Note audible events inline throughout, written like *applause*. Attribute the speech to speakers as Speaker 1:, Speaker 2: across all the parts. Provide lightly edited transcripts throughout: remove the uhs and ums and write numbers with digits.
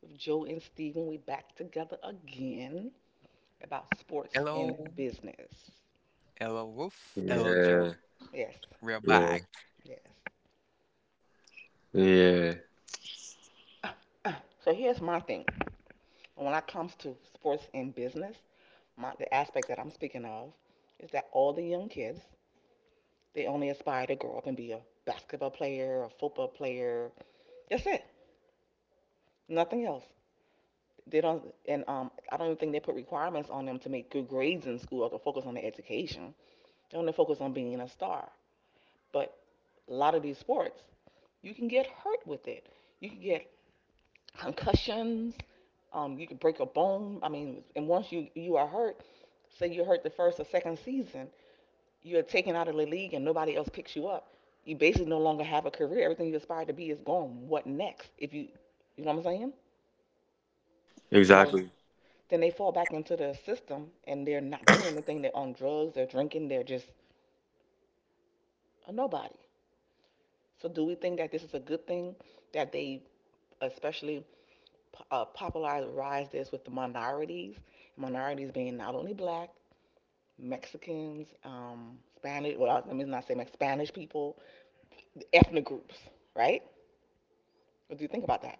Speaker 1: With Joe and Steven, we back together again about sports and
Speaker 2: Hello,
Speaker 1: business.
Speaker 2: hello, Wolf, hello, Joe.
Speaker 1: Yes,
Speaker 2: We're back.
Speaker 1: yes. So here's my thing. When it comes to sports and business, the aspect that I'm speaking of is that all the young kids, they only aspire to grow up and be a basketball player, a football player. That's it. Nothing else. They don't, and I don't even think they put requirements on them to make good grades in school or to focus on their education. They only focus on being a star. But a lot of these sports, you can get hurt with it. You can get concussions. You can break a bone. I mean, and once you are hurt, say you're hurt the first or second season, you're taken out of the league and nobody else picks you up. You basically no longer have a career. Everything you aspired to be is gone. What next? If you, you know what I'm saying? Then a, then they fall back into the system and they're not doing anything. They're on drugs. They're drinking. They're just a nobody. So do we think that this is a good thing that they especially popularized this with the minorities, minorities being not only black, Spanish, well, let me not say Mex, Spanish people, ethnic groups, right? What do you think about that?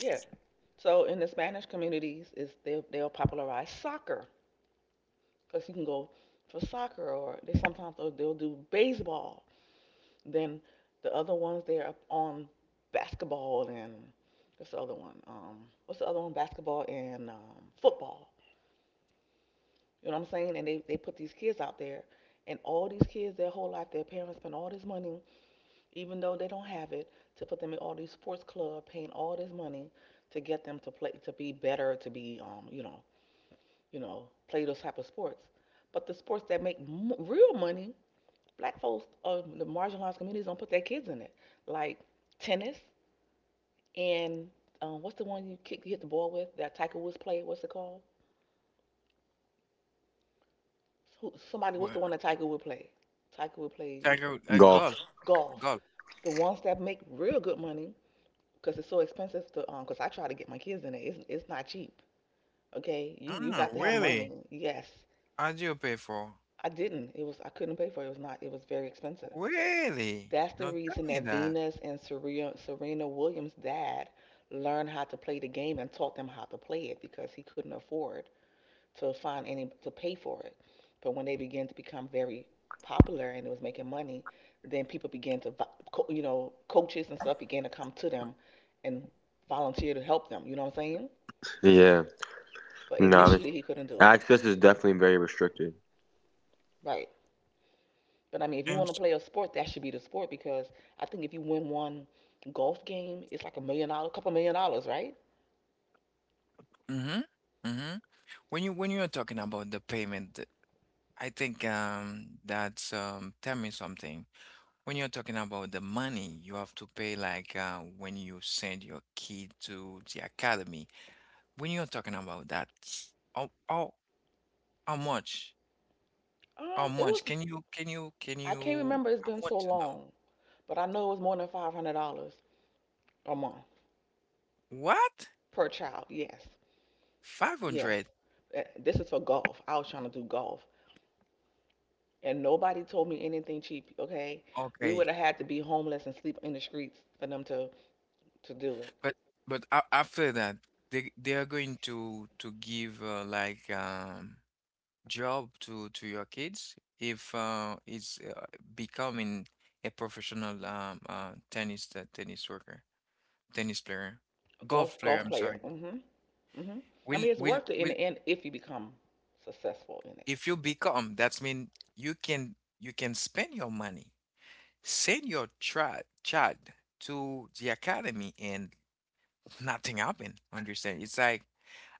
Speaker 1: Yeah. So in the Spanish communities, is they'll popularize soccer because you can go for soccer or they sometimes they'll do baseball. Then the other ones they're up on basketball and what's the other one? What's the other one? Basketball and football. You know what I'm saying? And they put these kids out there. And all these kids, their whole life, their parents spend all this money, even though they don't have it, to put them in all these sports clubs, paying all this money to get them to play, to be better, to be, you know, play those type of sports. But the sports that make real money, black folks, the marginalized communities don't put their kids in it, like tennis and what's the one you kick, you hit the ball with that Tiger Woods played? What's it called? What's
Speaker 2: Well,
Speaker 1: the one that Tiger Woods played? Tiger Woods plays
Speaker 2: Tiger, golf,
Speaker 1: golf.
Speaker 2: golf.
Speaker 1: The ones that make real good money because it's so expensive to. Because I try to get my kids in it. It's not cheap. Okay, you
Speaker 2: Ah,
Speaker 1: got to have money.
Speaker 2: really?
Speaker 1: Yes,
Speaker 2: How do you pay for?
Speaker 1: I didn't. It was I couldn't pay for it. It was not. It was very expensive.
Speaker 2: Really?
Speaker 1: That's the
Speaker 2: Don't tell
Speaker 1: reason
Speaker 2: me
Speaker 1: that
Speaker 2: that.
Speaker 1: Venus and Serena Williams' dad learned how to play the game and taught them how to play it because he couldn't afford to find any to pay for it. But when they began to become very popular and it was making money, then people began to, you know, coaches and stuff began to come to them and volunteer to help them. You know what I'm saying? But
Speaker 2: Well,
Speaker 1: initially, he couldn't do it. Right. But I mean, if you
Speaker 2: I'm.
Speaker 1: want to play a sport, that should be the sport because I think if you win one golf game, it's like a million dollars, couple million dollars, right?
Speaker 2: Mm-hmm. Mm-hmm. When you are talking about the payment, I think, that's, tell me something. When you're talking about the money you have to pay, like, when you send your kid to the academy, when you're talking about that, how how how much? How
Speaker 1: It was
Speaker 2: much? Can you can you can
Speaker 1: I can't
Speaker 2: you
Speaker 1: remember. It's
Speaker 2: I
Speaker 1: been
Speaker 2: want
Speaker 1: so
Speaker 2: to know.
Speaker 1: long, but I know it was more than $500 a month
Speaker 2: What?
Speaker 1: per child. Yes. Yes.
Speaker 2: 500.
Speaker 1: This is for golf. I was trying to do golf. And nobody told me anything cheap, okay? We
Speaker 2: Okay.
Speaker 1: would have had to be homeless and sleep in the streets for them to do it.
Speaker 2: But but after that they are going to give, like, job to your kids if, it's, becoming a professional, tennis, tennis worker, tennis player,
Speaker 1: A
Speaker 2: golf
Speaker 1: golf
Speaker 2: player,
Speaker 1: golf
Speaker 2: I'm
Speaker 1: player.
Speaker 2: sorry.
Speaker 1: Mm-hmm. Mm-hmm. I
Speaker 2: Will
Speaker 1: mean, it's
Speaker 2: will
Speaker 1: worth it in
Speaker 2: will
Speaker 1: the end if you become successful in it.
Speaker 2: if you become, that's mean you can, you can spend your money. Send your child to the academy and nothing happened. Understand? It's like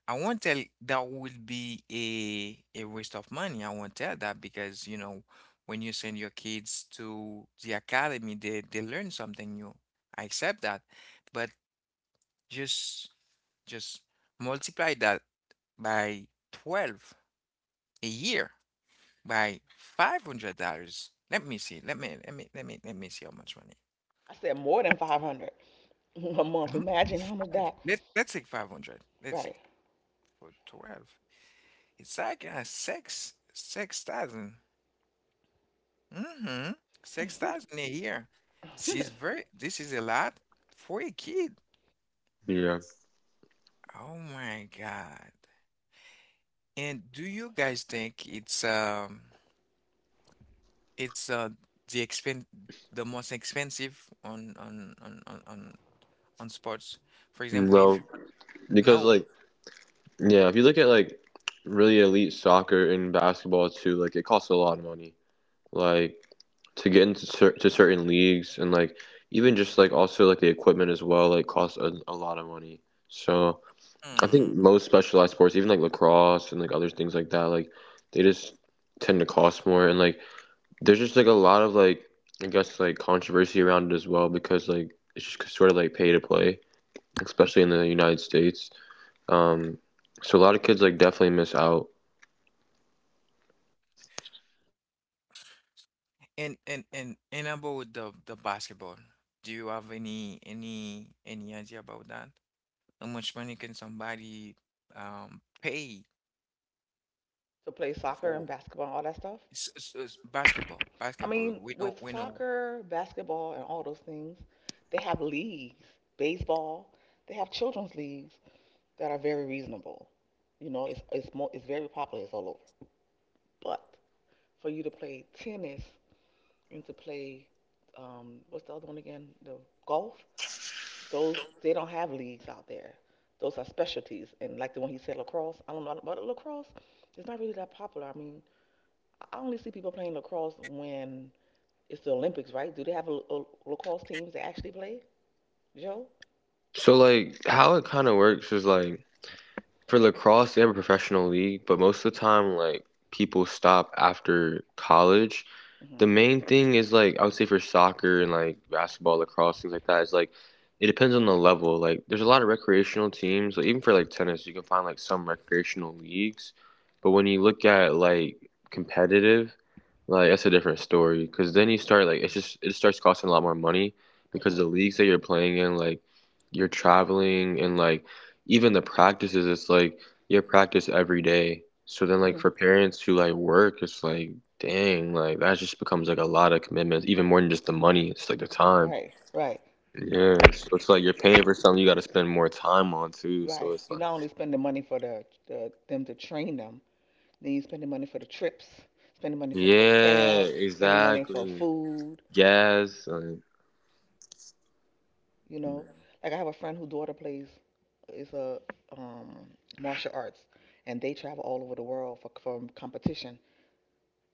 Speaker 2: I won't tell that will be a waste of money. I won't tell that because you know when you send your kids to the academy, they learn something new. I accept that, but just just multiply that by 12 a year by $500. Let me see. Let me see how much money.
Speaker 1: I said more than 500 *laughs* a month. Imagine how much
Speaker 2: 105.
Speaker 1: that,
Speaker 2: Let's take 500. Let's take
Speaker 1: right?
Speaker 2: for 12. It's like, 6,000. Mm-hmm. 6,000 a year. She's
Speaker 1: *laughs*
Speaker 2: very, this is a lot for a kid. Oh my God. And do you guys think it's the expen the most expensive on sports? For example, if no. Hmm. And about the basketball, do you have any idea about that? How much money can somebody pay
Speaker 1: To play soccer and
Speaker 2: for
Speaker 1: basketball and all that stuff.
Speaker 2: basketball?
Speaker 1: I
Speaker 2: Basketball,
Speaker 1: mean,
Speaker 2: we know
Speaker 1: with
Speaker 2: we know.
Speaker 1: soccer, basketball, and all those things, they have leagues. Baseball, they have children's leagues that are very reasonable. You know, it's very popular. It's all over. But for you to play tennis and to play, what's the other one again? The golf. Those they don't have leagues out there. Those are specialties. And like the one he said, lacrosse. I don't know about lacrosse. It's not really that popular. I mean, I only see people playing lacrosse when it's the Olympics, right? Do they have a lacrosse teams that actually play, Joe? hmm hmm hmm Right, right, right. You're not only spending money for the them to train them, then you're spending money for the trips, spending money for hotel, spending money for food. You know, like I have a friend whose daughter plays is a um, martial arts, and they travel all over the world for competition.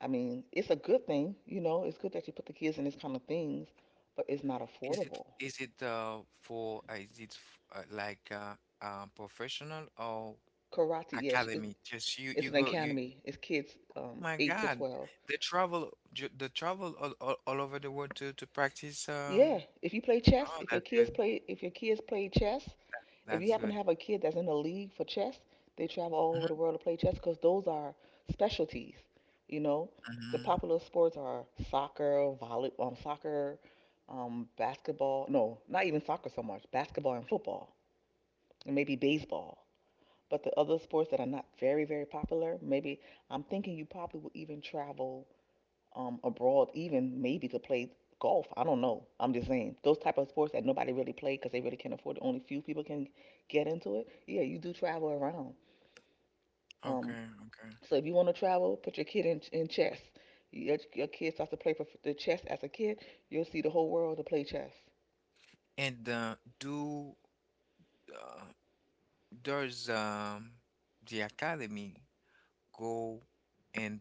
Speaker 1: I mean, it's a good thing. You know, it's good that you put the kids in these kind of things, but it's not
Speaker 2: Is it
Speaker 1: affordable.
Speaker 2: is it for, is it f- like professional or
Speaker 1: Karate, yes,
Speaker 2: academy? Just you
Speaker 1: it's
Speaker 2: you
Speaker 1: an
Speaker 2: go, you.
Speaker 1: academy. It's kids
Speaker 2: My
Speaker 1: eight to
Speaker 2: God,
Speaker 1: twelve.
Speaker 2: the travel, all, all over the world to practice.
Speaker 1: Yeah,
Speaker 2: Oh,
Speaker 1: if your
Speaker 2: that's
Speaker 1: kids
Speaker 2: good.
Speaker 1: play, if your kids play chess, if you
Speaker 2: That's
Speaker 1: happen to
Speaker 2: good.
Speaker 1: have a kid that's in a league for chess, they travel all over the world to play chess because those are specialties. You know, the
Speaker 2: Mm-hmm.
Speaker 1: popular sports are soccer, basketball. No, not even soccer so much. Basketball and football, and maybe baseball. But the other sports that are not very, very popular, maybe I'm thinking you probably will even travel abroad, even maybe to play golf. I don't know. I'm just saying those type of sports that nobody really play because they really can't afford it. Only few people can get into it. Yeah, you do travel around. Um,
Speaker 2: Okay, okay.
Speaker 1: so if you want to travel, put your kid in chess. Your kid starts to play for the chess as a kid, you'll see the whole world to play chess.
Speaker 2: And do uh, does the academy go in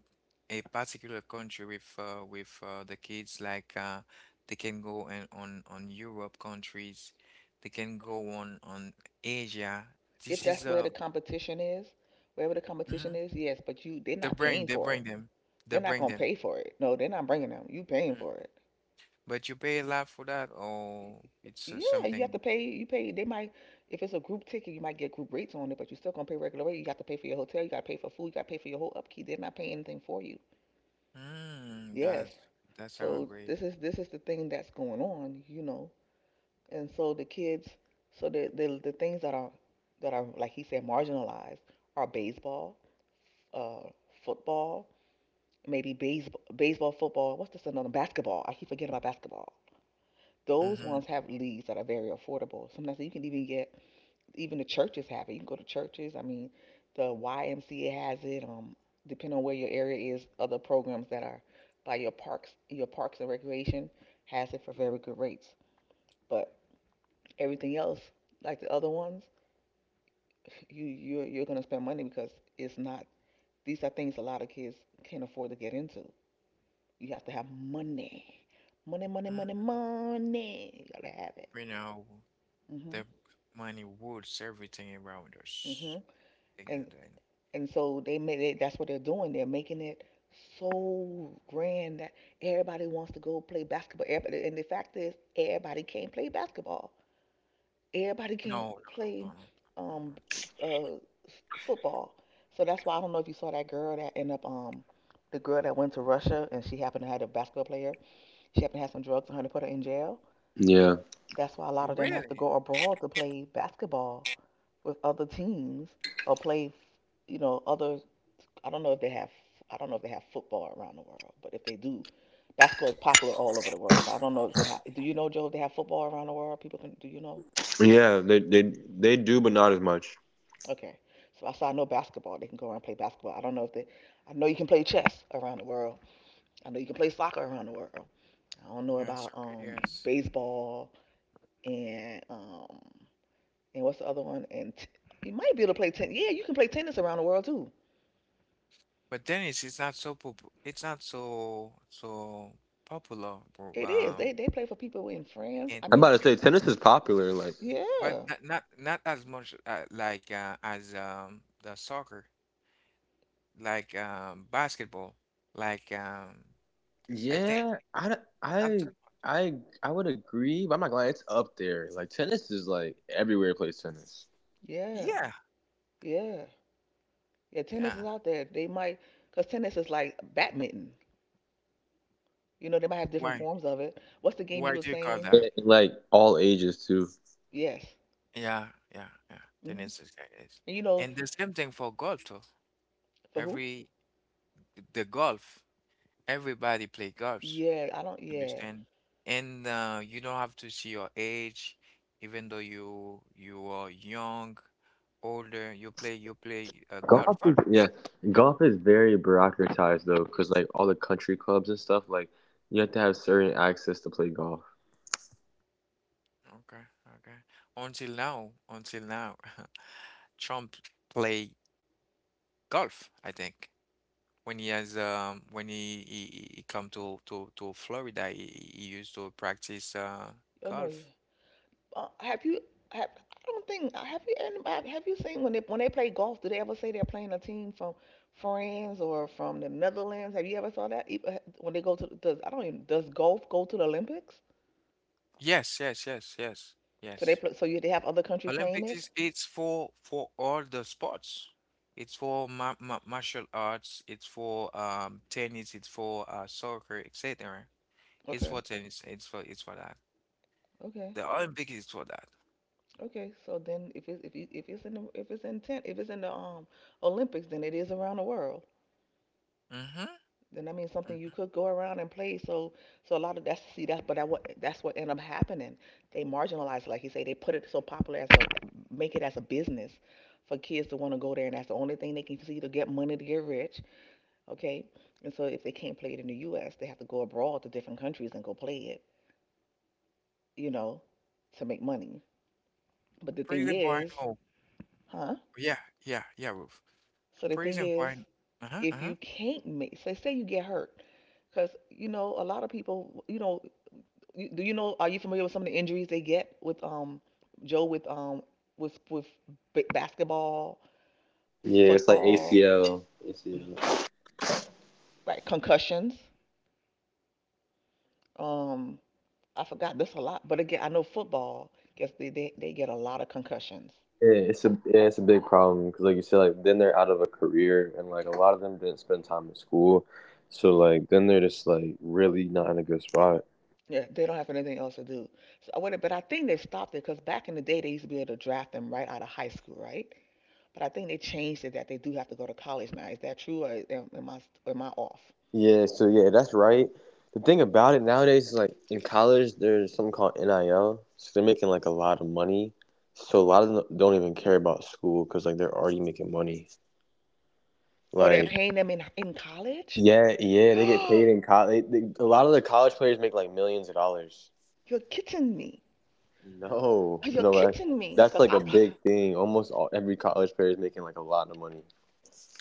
Speaker 2: a particular country with, the kids? Like, they can go in, on Europe countries, they can go on Asia.
Speaker 1: If
Speaker 2: This is,
Speaker 1: that's where the competition is, wherever the competition
Speaker 2: mhm.
Speaker 1: is, yes. But you, they're
Speaker 2: They
Speaker 1: not
Speaker 2: bring
Speaker 1: paying
Speaker 2: they
Speaker 1: for
Speaker 2: bring
Speaker 1: it.
Speaker 2: them they
Speaker 1: They're not
Speaker 2: bring
Speaker 1: gonna
Speaker 2: them.
Speaker 1: pay for it. No, they're not bringing them. You paying
Speaker 2: Mm.
Speaker 1: for it.
Speaker 2: But you pay a lot for that, or it's,
Speaker 1: Yeah, you have
Speaker 2: something.
Speaker 1: to pay. You pay. They might, if it's a group ticket, you might get group rates on it, but you're still gonna pay regular rate. You got to pay for your hotel. You got to pay for food. You got to pay for your whole upkeep. They're not paying anything for you.
Speaker 2: Mm,
Speaker 1: Yes.
Speaker 2: that sounds
Speaker 1: So
Speaker 2: great.
Speaker 1: this is the thing that's going on, you know. And so the kids, so the things that are like he said marginalized are baseball, uh, football, baseball, football. What's this another basketball? I keep forgetting about basketball. Those
Speaker 2: Mm-hmm.
Speaker 1: ones have leagues that are very affordable. Sometimes you can even get even the churches have it. You can go to churches. I mean, the YMCA has it. Depending on where your area is, other programs that are by your parks and recreation has it for very good rates. But everything else, like the other ones, you're gonna spend money because it's not. These are things a lot of kids can't afford to get into. You have to have money,
Speaker 2: Mm,
Speaker 1: money, You gotta have it.
Speaker 2: we know the
Speaker 1: Mhm.
Speaker 2: money rules everything around us.
Speaker 1: Mhm.
Speaker 2: And yeah,
Speaker 1: And
Speaker 2: then
Speaker 1: And so they made it, that's what they're doing. They're making it so grand that everybody wants to go play basketball. Everybody, and the fact is, everybody can't play basketball. Everybody
Speaker 2: no, no,
Speaker 1: can't
Speaker 2: no,
Speaker 1: play
Speaker 2: no, no, no, no,
Speaker 1: um, uh, football. So that's why I don't know if you saw that girl that ended up, the girl that went to Russia and she happened to have a basketball player. She happened to have some drugs on her to put her in jail. That's why a lot
Speaker 2: no.
Speaker 1: of them have to
Speaker 2: Really?
Speaker 1: go abroad to play basketball with other teams or play, you know, other I don't know if they have I don't know if they have football around the world, but if they do, basketball is popular all over the world. But I don't know if they have. Do you know Joe? If they have football around the world, people can. Do you know? Okay, so I know basketball. They can go around and play basketball. I don't know if they. I know you can play chess around the world. I know you can play soccer around the world. I don't know
Speaker 2: Yeah, it's
Speaker 1: about
Speaker 2: okay, yes.
Speaker 1: baseball and what's the other one? You might be able to play tennis. Yeah, you can play tennis around the world too.
Speaker 2: But then it's not so it's not so so popular, bro.
Speaker 1: It is. They play for people in France.
Speaker 2: And
Speaker 1: I
Speaker 2: if
Speaker 1: mean,
Speaker 2: you, but
Speaker 1: yeah,
Speaker 2: not as much, like, as, the soccer, like, basketball, like, I think not too.
Speaker 1: yeah,
Speaker 2: Yeah,
Speaker 1: yeah. Yeah, tennis
Speaker 2: yeah.
Speaker 1: is out there. They might, because tennis is like badminton. You know, they might have different
Speaker 2: Why
Speaker 1: forms of it. What's the game you
Speaker 2: why
Speaker 1: were
Speaker 2: do you call
Speaker 1: saying?
Speaker 2: that?
Speaker 1: Yes.
Speaker 2: Yeah, yeah, yeah.
Speaker 1: hmm
Speaker 2: Tennis is like this.
Speaker 1: And you know,
Speaker 2: And the same thing for golf too.
Speaker 1: for who?
Speaker 2: Every, the golf, everybody play golf.
Speaker 1: Yeah, I don't. Yeah.
Speaker 2: Understand? And you don't have to see your age, even though you are young, older. You play golf. Okay, okay. Until now, *laughs* Trump play golf, I think. When he has when he come to Florida, he used to practice,
Speaker 1: Oh no. Yeah.
Speaker 2: golf.
Speaker 1: Have you? Have, I don't think. Have you? And have you seen when they play golf? Do they ever say they're playing a team from France or from the Netherlands? Have you ever saw that? When they go to does I don't even, does golf go to the Olympics?
Speaker 2: Yes, yes, yes, yes,
Speaker 1: So they
Speaker 2: yes.
Speaker 1: play, they have other countries playing
Speaker 2: Olympics
Speaker 1: it.
Speaker 2: is it's for all the sports. It's for ma ma martial arts. It's for, tennis. It's for, soccer, etc. It's
Speaker 1: Okay.
Speaker 2: for tennis. It's for that.
Speaker 1: Okay.
Speaker 2: The Olympic is for that.
Speaker 1: Okay, so then if it's in the, if it's in the Olympics, then it is around the world.
Speaker 2: Mm-hmm.
Speaker 1: Then that means something you could go around and play. So a lot of that's see that's but that what that's what end up happening. They marginalize it, like you say, they put it so popular as a make it as a business for kids to want to go there, and that's the only thing they can see to get money to get rich. Okay, and so if they can't play it in the U.S., they have to go abroad to different countries and go play it, you know, to make money. But the thing
Speaker 2: Prison point.
Speaker 1: is,
Speaker 2: Oh,
Speaker 1: huh?
Speaker 2: yeah, yeah, yeah, Ruth.
Speaker 1: So the thing
Speaker 2: Prison
Speaker 1: is,
Speaker 2: point. Uh-huh,
Speaker 1: if
Speaker 2: uh-huh.
Speaker 1: you can't make, say, say you get hurt because you know a lot of people. You know, do you know, are you familiar with some of the injuries they get with joe with b- basketball, football, right? Concussions. um I forgot this a lot, but again, I know football, guess they get a lot of concussions. Yeah, they don't have anything else to do. So I wonder, but I think they stopped it because back in the day they used to be able to draft them right out of high school, right? But I think they changed it that they do have to go to college now. Is that true, or am I, am I off? Oh, they're paying them in college? *gasps* You're kidding me. You're kidding me. Cause I, pro-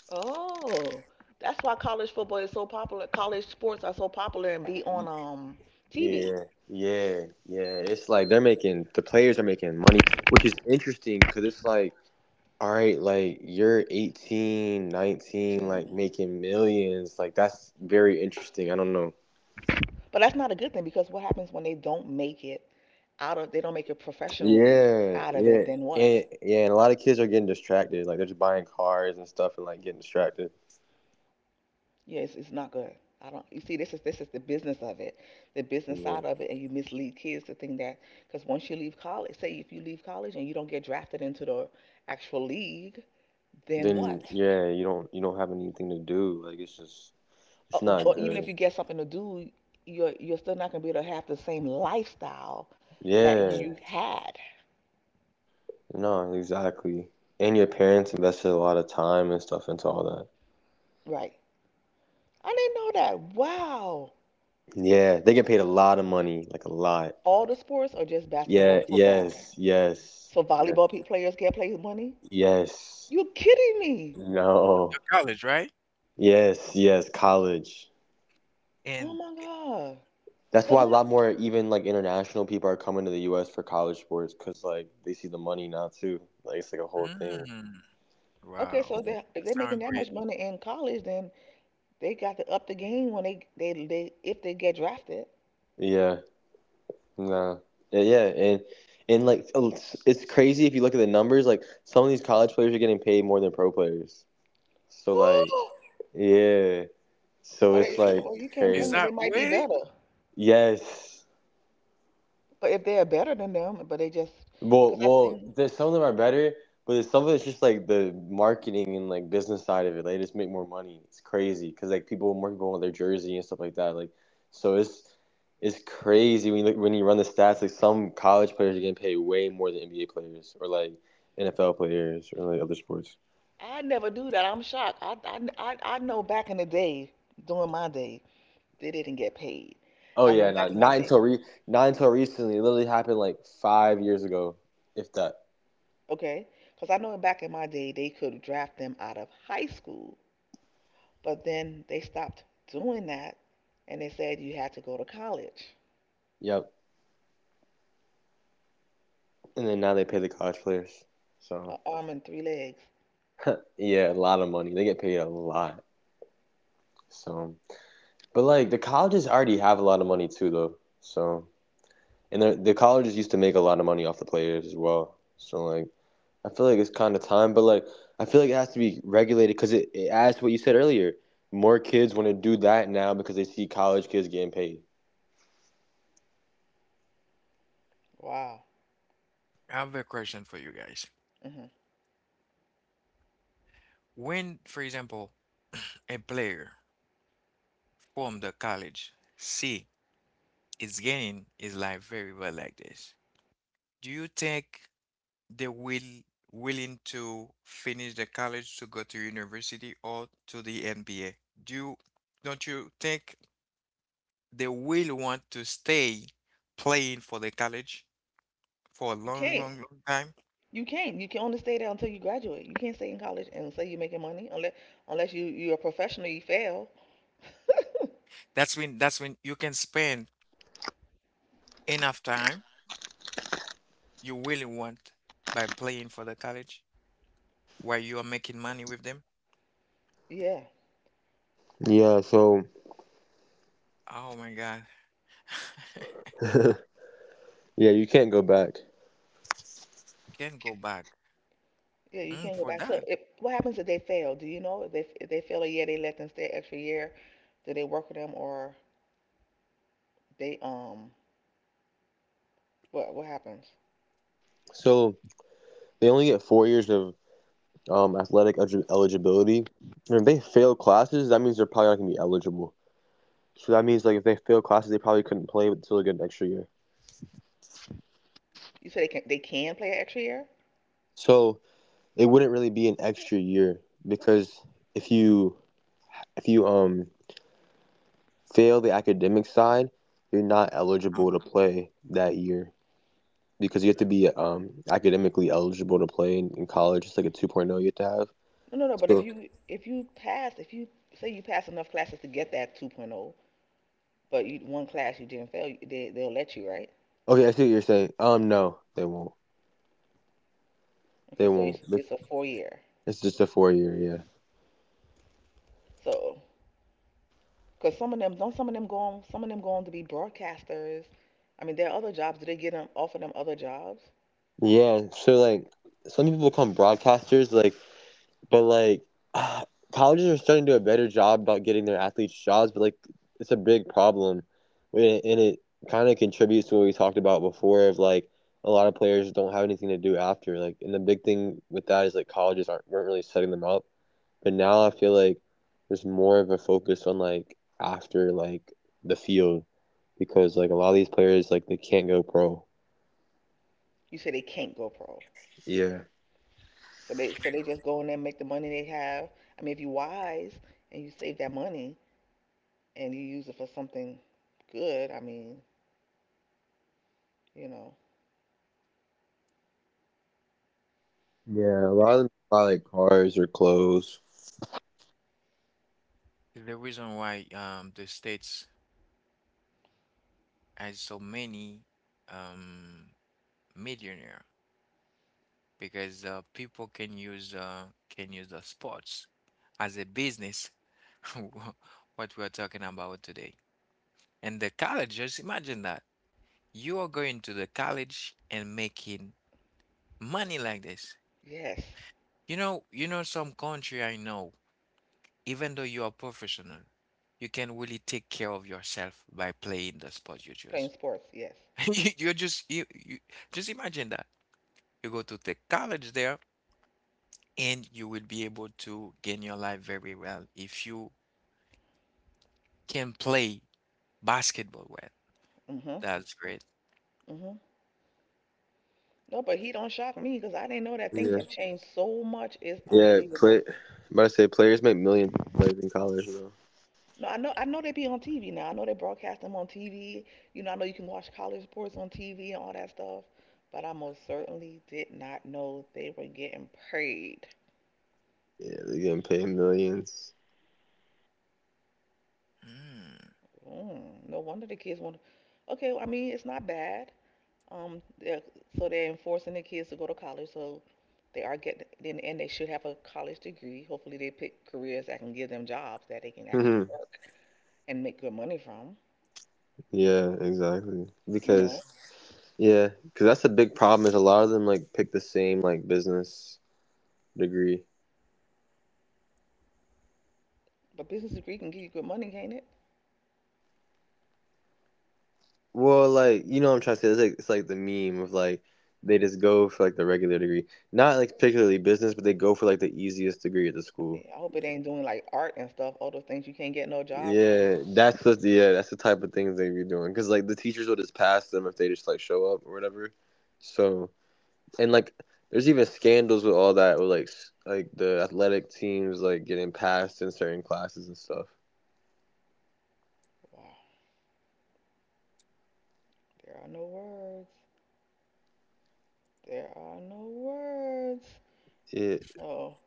Speaker 1: oh, That's why college football is so popular. College sports are so popular and be on TV. But that's not a good thing because what happens when they don't make it professionally out of it, then what? Yeah, it's not good. I don't. You see, this is the business of it, the business side of it, and you mislead kids to think that because once you leave college, say if you leave college and you don't get drafted into the actual league, then what? Or even if you get something to do, you're still not gonna be able to have the same lifestyle that you had. Right. I didn't know that. Wow. All the sports, or just basketball and football? So volleyball players get paid money? You're kidding me.
Speaker 2: College, right?
Speaker 1: Oh
Speaker 2: And
Speaker 1: my God. So don't,
Speaker 2: mm,
Speaker 1: okay,
Speaker 2: wow.
Speaker 1: so they, if
Speaker 2: That
Speaker 1: they're making
Speaker 2: sounds
Speaker 1: that
Speaker 2: great.
Speaker 1: much money in college, then they got to up the game when they, if they get drafted. *gasps* But it, well, you can't
Speaker 2: Is
Speaker 1: blame them. They
Speaker 2: that
Speaker 1: might be
Speaker 2: way?
Speaker 1: better. But if they're better than them, but they just, because I think I never do that. I'm shocked. I know back in the day, during my day, they didn't get paid. I know back in my day. Okay. Because I know back in my day, they could draft them out of high school, but then they stopped doing that and they said you had to go to college. An arm and three legs. Wow.
Speaker 2: I have a question for you guys.
Speaker 1: hmm
Speaker 2: When, for example, *clears throat* a player from the college C is getting his life very well like this, do you think they will willing to finish the college to go to university or to the NBA? Do you, don't you think they will want to stay playing for the college for a
Speaker 1: You
Speaker 2: long,
Speaker 1: can't.
Speaker 2: long, long time?
Speaker 1: You can't. You can only stay there until you graduate. You can't stay in college and say you're making money unless you're a professional. You fail.
Speaker 2: That's when you can spend enough time you really want by playing for the college while you are making money with them.
Speaker 1: Yeah.
Speaker 2: Oh my God. *laughs* Can't go back.
Speaker 1: Yeah. You
Speaker 2: Mm,
Speaker 1: can't go
Speaker 2: for
Speaker 1: back. So
Speaker 2: that,
Speaker 1: if, what happens if they fail? Do you know if they fail a year, they let them stay extra year? Do they work with them, or they what happens? You say they can play an extra year?
Speaker 2: um,
Speaker 1: No, no, no. But if you pass, if you say you pass enough classes to get that 2.0, but you one class you didn't fail, they, they'll let you, right? Okay, so it's a 4 year. So, cause some of them don't some of them go on, some of them go on to be broadcasters. I mean, there are other jobs. Do they get them offer them other jobs? You say they can't go pro, so they just go in there and make the money they have. I mean, if you are wise and you save that money and you use it for something good, I mean, you know,
Speaker 2: is the reason why, the States has so many, um millionaire, because, people can use, can use the sports as a business, *laughs* what we are talking about today. And the college, just imagine that. You are going to the college and making money like this.
Speaker 1: yes.
Speaker 2: You know, some country I know, even though you are professional, you can really take care of yourself by playing the sport you
Speaker 1: Playing
Speaker 2: choose.
Speaker 1: sports, yes.
Speaker 2: *laughs* You just imagine that. You go to the college there and you will be able to gain your life very well if you can play basketball well.
Speaker 1: Mhm.
Speaker 2: That's great.
Speaker 1: Mhm. No, but he don't shock me because I didn't know that things have changed so much. It's unbelievable. No, I know. I know they be on TV now. I know they broadcast them on TV. You know, I know you can watch college sports on TV and all that stuff. But I most certainly did not know they were getting paid.
Speaker 2: Mm,
Speaker 1: Mm, no wonder the kids want. Okay, well, I mean, it's not bad. Um, they're- so they're enforcing the kids to go to college, so they are getting, then, and they should have a college degree. Hopefully they pick careers that can give them jobs that they can actually work and make good money from, you know? But business degree can give you good money, can't it? Yeah, I hope it ain't doing like art and stuff, all those things you can't get no job from. Wow, there are no words. There are no words. Oh,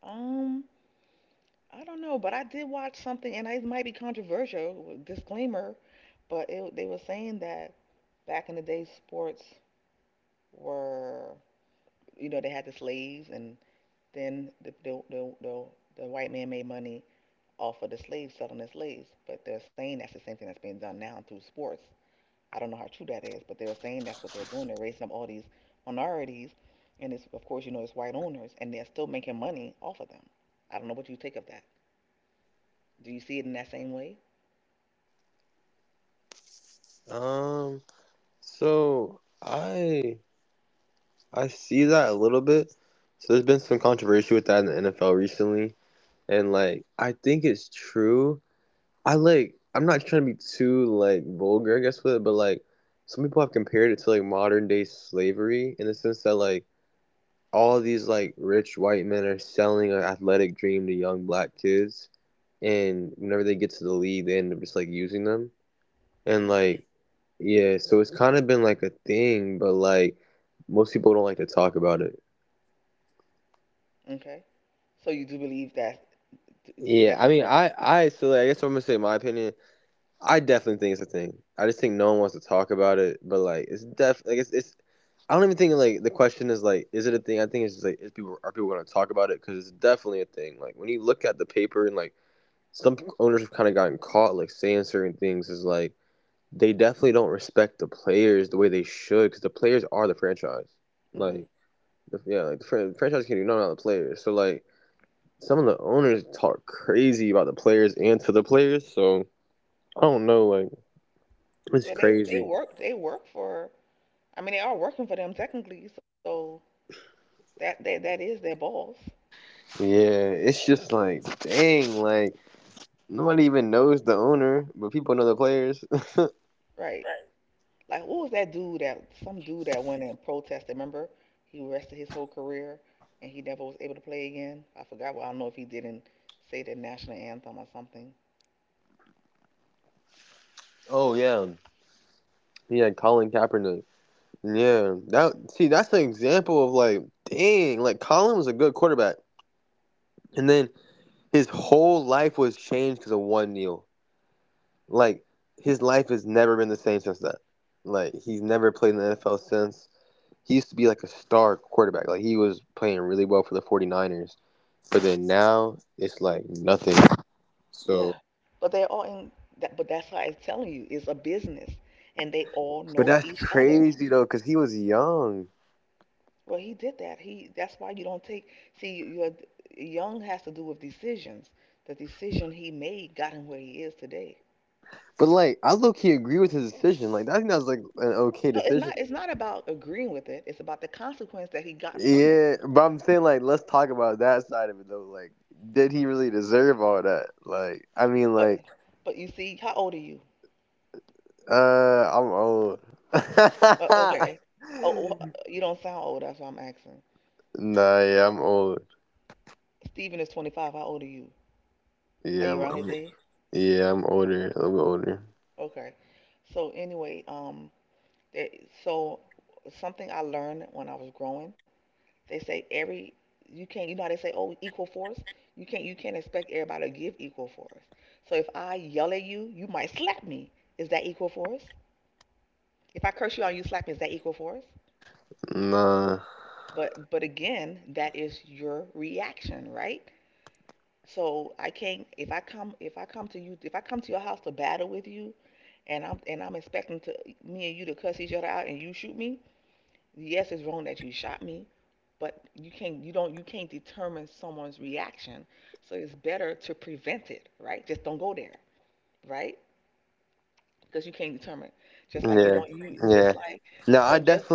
Speaker 1: um, I don't know, but I did watch something, and it might be controversial, disclaimer, but it, they were saying that back in the day, sports were, you know, they had the slaves, and then the white man made money off of the slaves selling the slaves. But they're saying that's the same thing that's being done now through sports. I don't know how true that is, but they were saying that's what they're doing. They're raising up all these minorities, and it's of course you know it's white owners, and they're still making money off of them. I don't know what you think of that. Do you see it in that same way? Hmm Okay. So you do believe that that's what? Hmm Well, they work for, I mean, they are working for them technically, so that is their boss, right? Like, what was that dude, that some dude that went and protested? Remember, he rested his whole career and he never was able to play again. I forgot. Well, I don't know if he didn't say the national anthem or something. Yeah, but they're all in. But that's why I'm telling you, it's a business, and they all know each other. Well, he did that. He, that's why you don't take. See, your young has to do with decisions. The decision he made got him where he is today. No, it's not. It's not about agreeing with it. It's about the consequence that he got from it. But, but you see, how old are you? Okay. Oh, oh, you don't sound old. That's why I'm asking. Stephen is 25. How old are you? Are you around his age? Okay. So anyway, there, so something I learned when I was growing, they say every you can't. You know how they say, oh, equal force. You can't. You can't expect everybody to give equal force. So if I yell at you, you might slap me. Is that equal force? If I curse you out, you slap me. Is that equal force? But again, that is your reaction, right? So I can't. If I come to you, if I come to your house to battle with you, and I'm expecting to me and you to cuss each other out, and you shoot me. Yes, it's wrong that you shot me, but you can't. You don't. You can't determine someone's reaction. So it's better to prevent it, right? Just don't go there, right? Because you can't determine. Just like you don't. You just like so. Just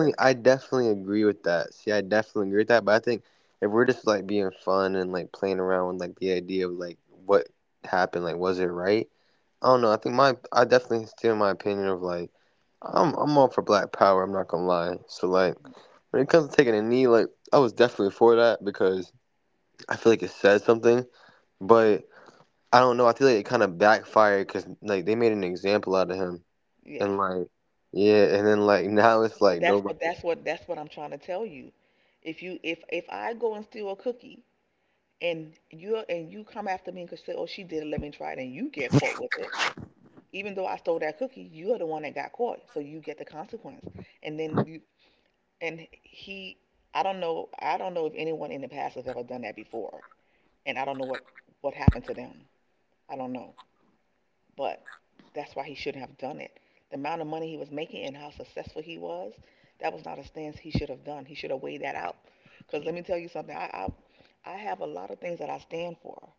Speaker 1: yes. But that's what I'm trying to tell you. If I go and steal a cookie and you come after me and say, oh she did it, let me try it, and you get caught with it, even though I stole that cookie, you're the one that got caught, so you get the consequence. And then and he, I don't know if anyone in the past has ever done that before, and I don't know what happened to them. I don't know. But that's why he shouldn't have done it. The amount of money he was making and how successful he was, that was not a stance he should have done. He should have weighed that out. Because let me tell you something, I have a lot of things that I stand for,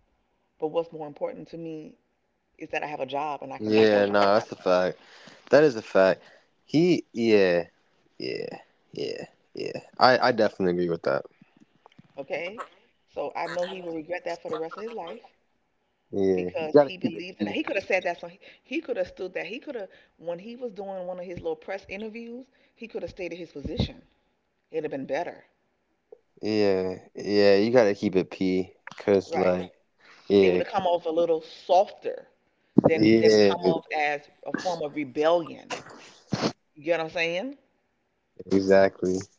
Speaker 1: but what's more important to me is that I have a job and I can support myself. Okay, so I know he will regret that for the rest of his life because he believed in that. He could have said that. So he could have stood that. He could have, when he was doing one of his little press interviews, he could have stated his position. It'd have been better, right? It would have come off a little softer than come off as a form of rebellion. You get what I'm saying?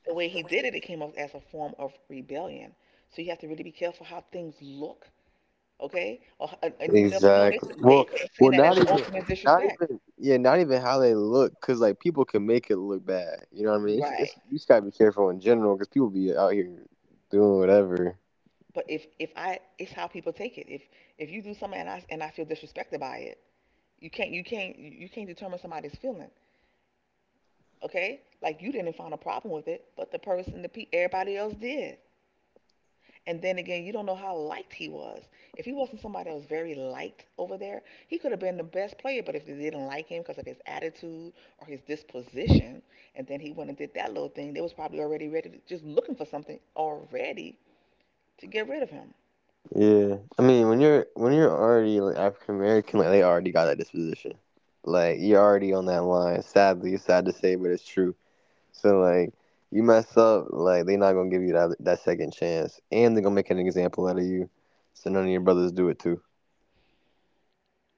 Speaker 1: The way he did it, it came off as a form of rebellion. So you have to really be careful how things look, okay? Or, and you never know, they could have seen that as ultimate disrespect, right? But if I, it's how people take it. If you do something and I feel disrespected by it, you can't determine somebody's feeling, okay? Like you didn't find a problem with it, but the person, the pe everybody else did. And then again, you don't know how liked he was. If he wasn't somebody that was very liked over there, he could have been the best player. But if they didn't like him because of his attitude or his disposition, and then he went and did that little thing, they was probably already ready, just looking for something already to get rid of him.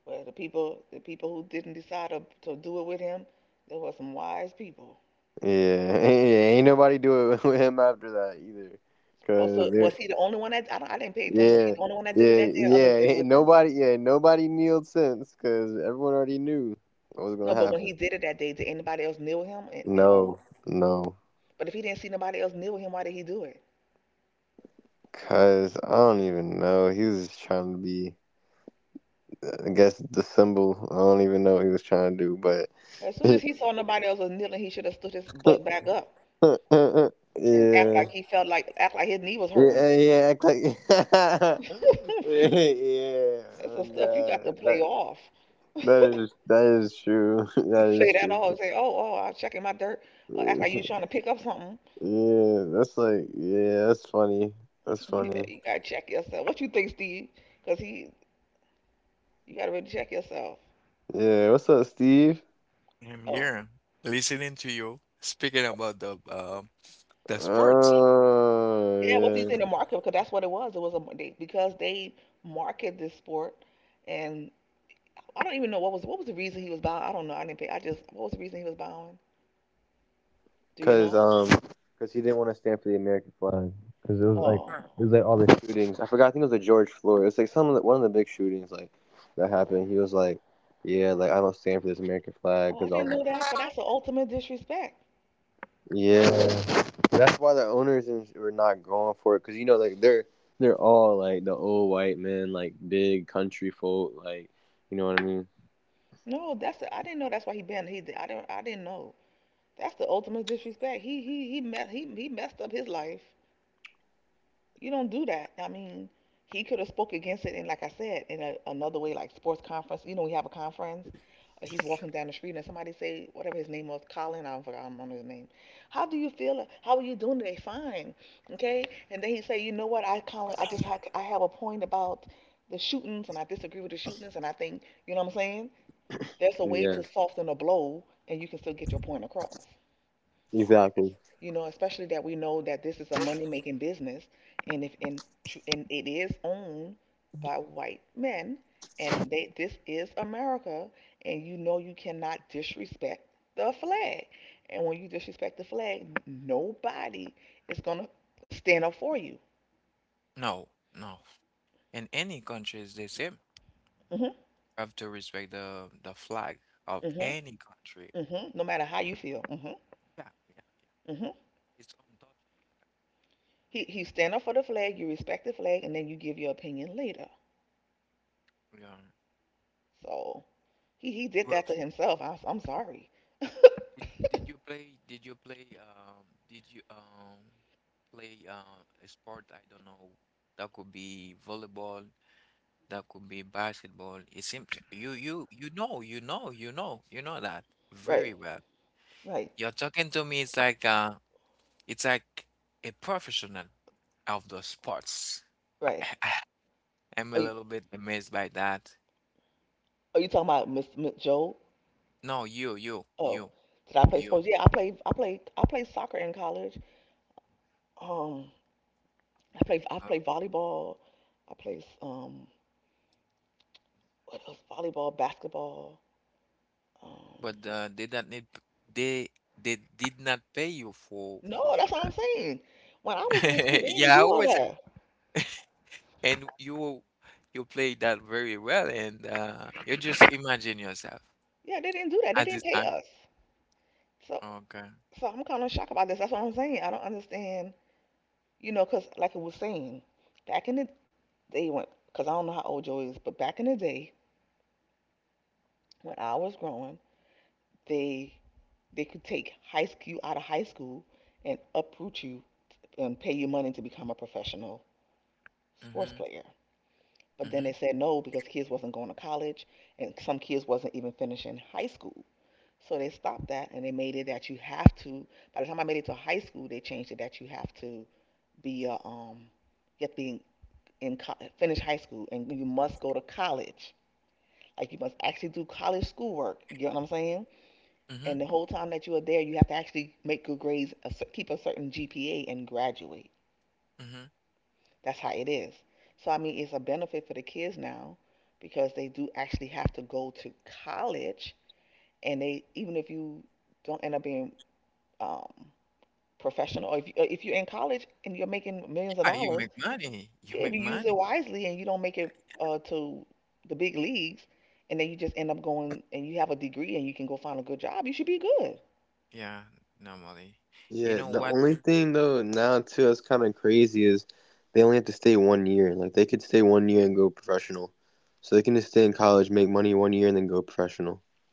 Speaker 1: Well, the people who didn't decide to do it with him, there were some wise people. Oh, so was he the only one that I didn't pay attention? Was he the only one that did it that day, or others did it with him? No, but when he did it that day, did anybody else kneel him? And, or But if he didn't see nobody else kneeling him, why did he do it? As soon as he saw nobody else was kneeling, he should have stood his butt back up and act like he felt like act like his knee was hurting. *laughs* That's the stuff you got to play off. *laughs* You play that off and say, "Oh, oh, I'm checking my dirt," or act like you trying to pick up something. You gotta check yourself. What you think, Steve? Because he, you gotta really check yourself.
Speaker 2: I'm
Speaker 1: Oh,
Speaker 2: here listening to you speaking about the sports.
Speaker 1: yeah. What do you think the market? Because that's what it was. Because they market this sport, and I don't even know what was the reason he was bowing. I don't know. I didn't pay. I just What was the reason he was bowing? Do you know? Oh, oh, I didn't know that. But that's the ultimate disrespect. I didn't know. That's why he banned. He did. I don't. I didn't know. That's the ultimate disrespect. He messed up his life. You don't do that. I mean, he could have spoke against it, and like I said, in a, another way, like sports conference. You know, we have a conference. He's walking down the street, and somebody say, whatever his name was, Colin. I don't remember his name. How do you feel? How are you doing today? Fine, okay. And then he say, you know what? I Colin, I just have, I have a point about the shootings, and I disagree with the shootings, and I think you know what I'm saying. There's a way to soften a blow, and you can still get your point across, you know, especially that we know that this is a money making business, and if and tr- and it is owned by white men, and they this is America, and you know you cannot disrespect the flag, and when you disrespect the flag, nobody is gonna stand up for you.
Speaker 2: No, no. In any country is the same.
Speaker 1: Mhm,
Speaker 2: You have to respect the flag of
Speaker 1: mhm,
Speaker 2: any country.
Speaker 1: mhm. No matter how you feel. Mhm,
Speaker 2: Yeah, yeah, yeah.
Speaker 1: mhm.
Speaker 2: It's untouchable.
Speaker 1: He stand up for the flag. You respect the flag, and then you give your opinion later.
Speaker 2: Yeah.
Speaker 1: So he did
Speaker 2: Well,
Speaker 1: that to himself. I'm sorry.
Speaker 2: did you play did you play did you play a sport, I don't know, that could be volleyball, that could be basketball. It seems you you you know you know you know you know that
Speaker 1: Right.
Speaker 2: very well.
Speaker 1: Right,
Speaker 2: You're talking to me, it's like a professional of the sports.
Speaker 1: right.
Speaker 2: *laughs* I'm a
Speaker 1: Are you
Speaker 2: little bit amazed by that.
Speaker 1: are you talking about Miss, Miss Joe?
Speaker 2: No, you, you,
Speaker 1: Oh,
Speaker 2: you,
Speaker 1: did I play
Speaker 2: you.
Speaker 1: sports? Yeah, I played I played soccer in college. Um, I
Speaker 2: Uh,
Speaker 1: played volleyball. I played, what else? Volleyball, basketball. Um,
Speaker 2: but, they don't need, they they did not pay you for for
Speaker 1: no,
Speaker 2: for
Speaker 1: that's what I'm
Speaker 2: that.
Speaker 1: saying. When I was in school,
Speaker 2: *laughs*
Speaker 1: they didn't
Speaker 2: Yeah, I
Speaker 1: do all
Speaker 2: always,
Speaker 1: that.
Speaker 2: and you play that very well, and, you just imagine yourself
Speaker 1: Yeah, they didn't do that. They
Speaker 2: at
Speaker 1: didn't
Speaker 2: this
Speaker 1: pay
Speaker 2: time.
Speaker 1: us. So
Speaker 2: Okay.
Speaker 1: so I'm kind of shocked about this. That's what I'm saying. I don't understand. You know, because like I was saying, back in the day when, cause I don't know how old Joe is, but back in the day when I was growing. They they could take high school you out of high school and uproot you and pay you money to become a professional sports
Speaker 2: Mm-hmm.
Speaker 1: player. But then they
Speaker 2: Mm-hmm.
Speaker 1: said no because kids wasn't going to college and some kids wasn't even finishing high school. So they stopped that and they made it that you have to. By the time I made it to high school, they changed it that you have to be a um be in finish high school, and you must go to college. Like you must actually do college schoolwork. You get what I'm saying?
Speaker 2: Mm-hmm.
Speaker 1: And the whole time that you are there, you have to actually make good grades, keep a certain GPA, and graduate.
Speaker 2: Mm-hmm.
Speaker 1: That's how it is. So, I mean, it's a benefit for the kids now because they do actually have to go to college. And they, even if you don't end up being, um, professional, or if, if you're in college and you're making millions of
Speaker 2: Yeah, you
Speaker 1: dollars,
Speaker 2: make money. You
Speaker 1: if
Speaker 2: make
Speaker 1: you use
Speaker 2: money.
Speaker 1: it wisely and you don't make it to the big leagues, and then you just end up going and you have a degree and you can go find a good job, you should be good.
Speaker 2: Yeah, normally. You know what?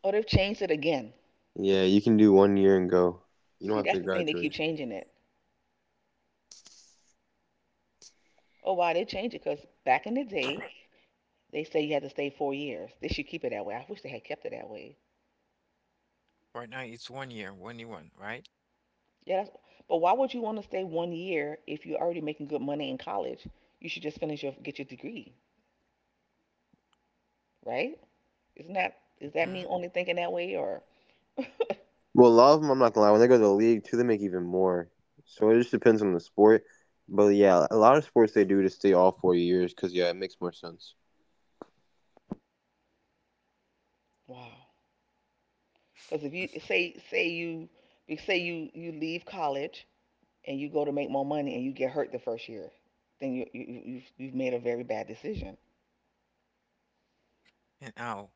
Speaker 1: Or they've changed it again. See, that's the thing. They keep changing it. Oh, why they change it? Because back in the day, they say you had to stay 4 years. They should keep it that way. I wish they had kept it that way.
Speaker 2: Right now it's one year, one year one, right?
Speaker 1: Yeah, that's, but why would you want to stay 1 year if you're already making good money in college? You should just finish your get your degree, right? Isn't that, is that me
Speaker 2: Mm-hmm.
Speaker 1: only thinking that way or? *laughs* Wow. Because if you say say you you leave college and you go to make more money and you get hurt the first year, then you- have you've made a very bad decision.
Speaker 2: And how?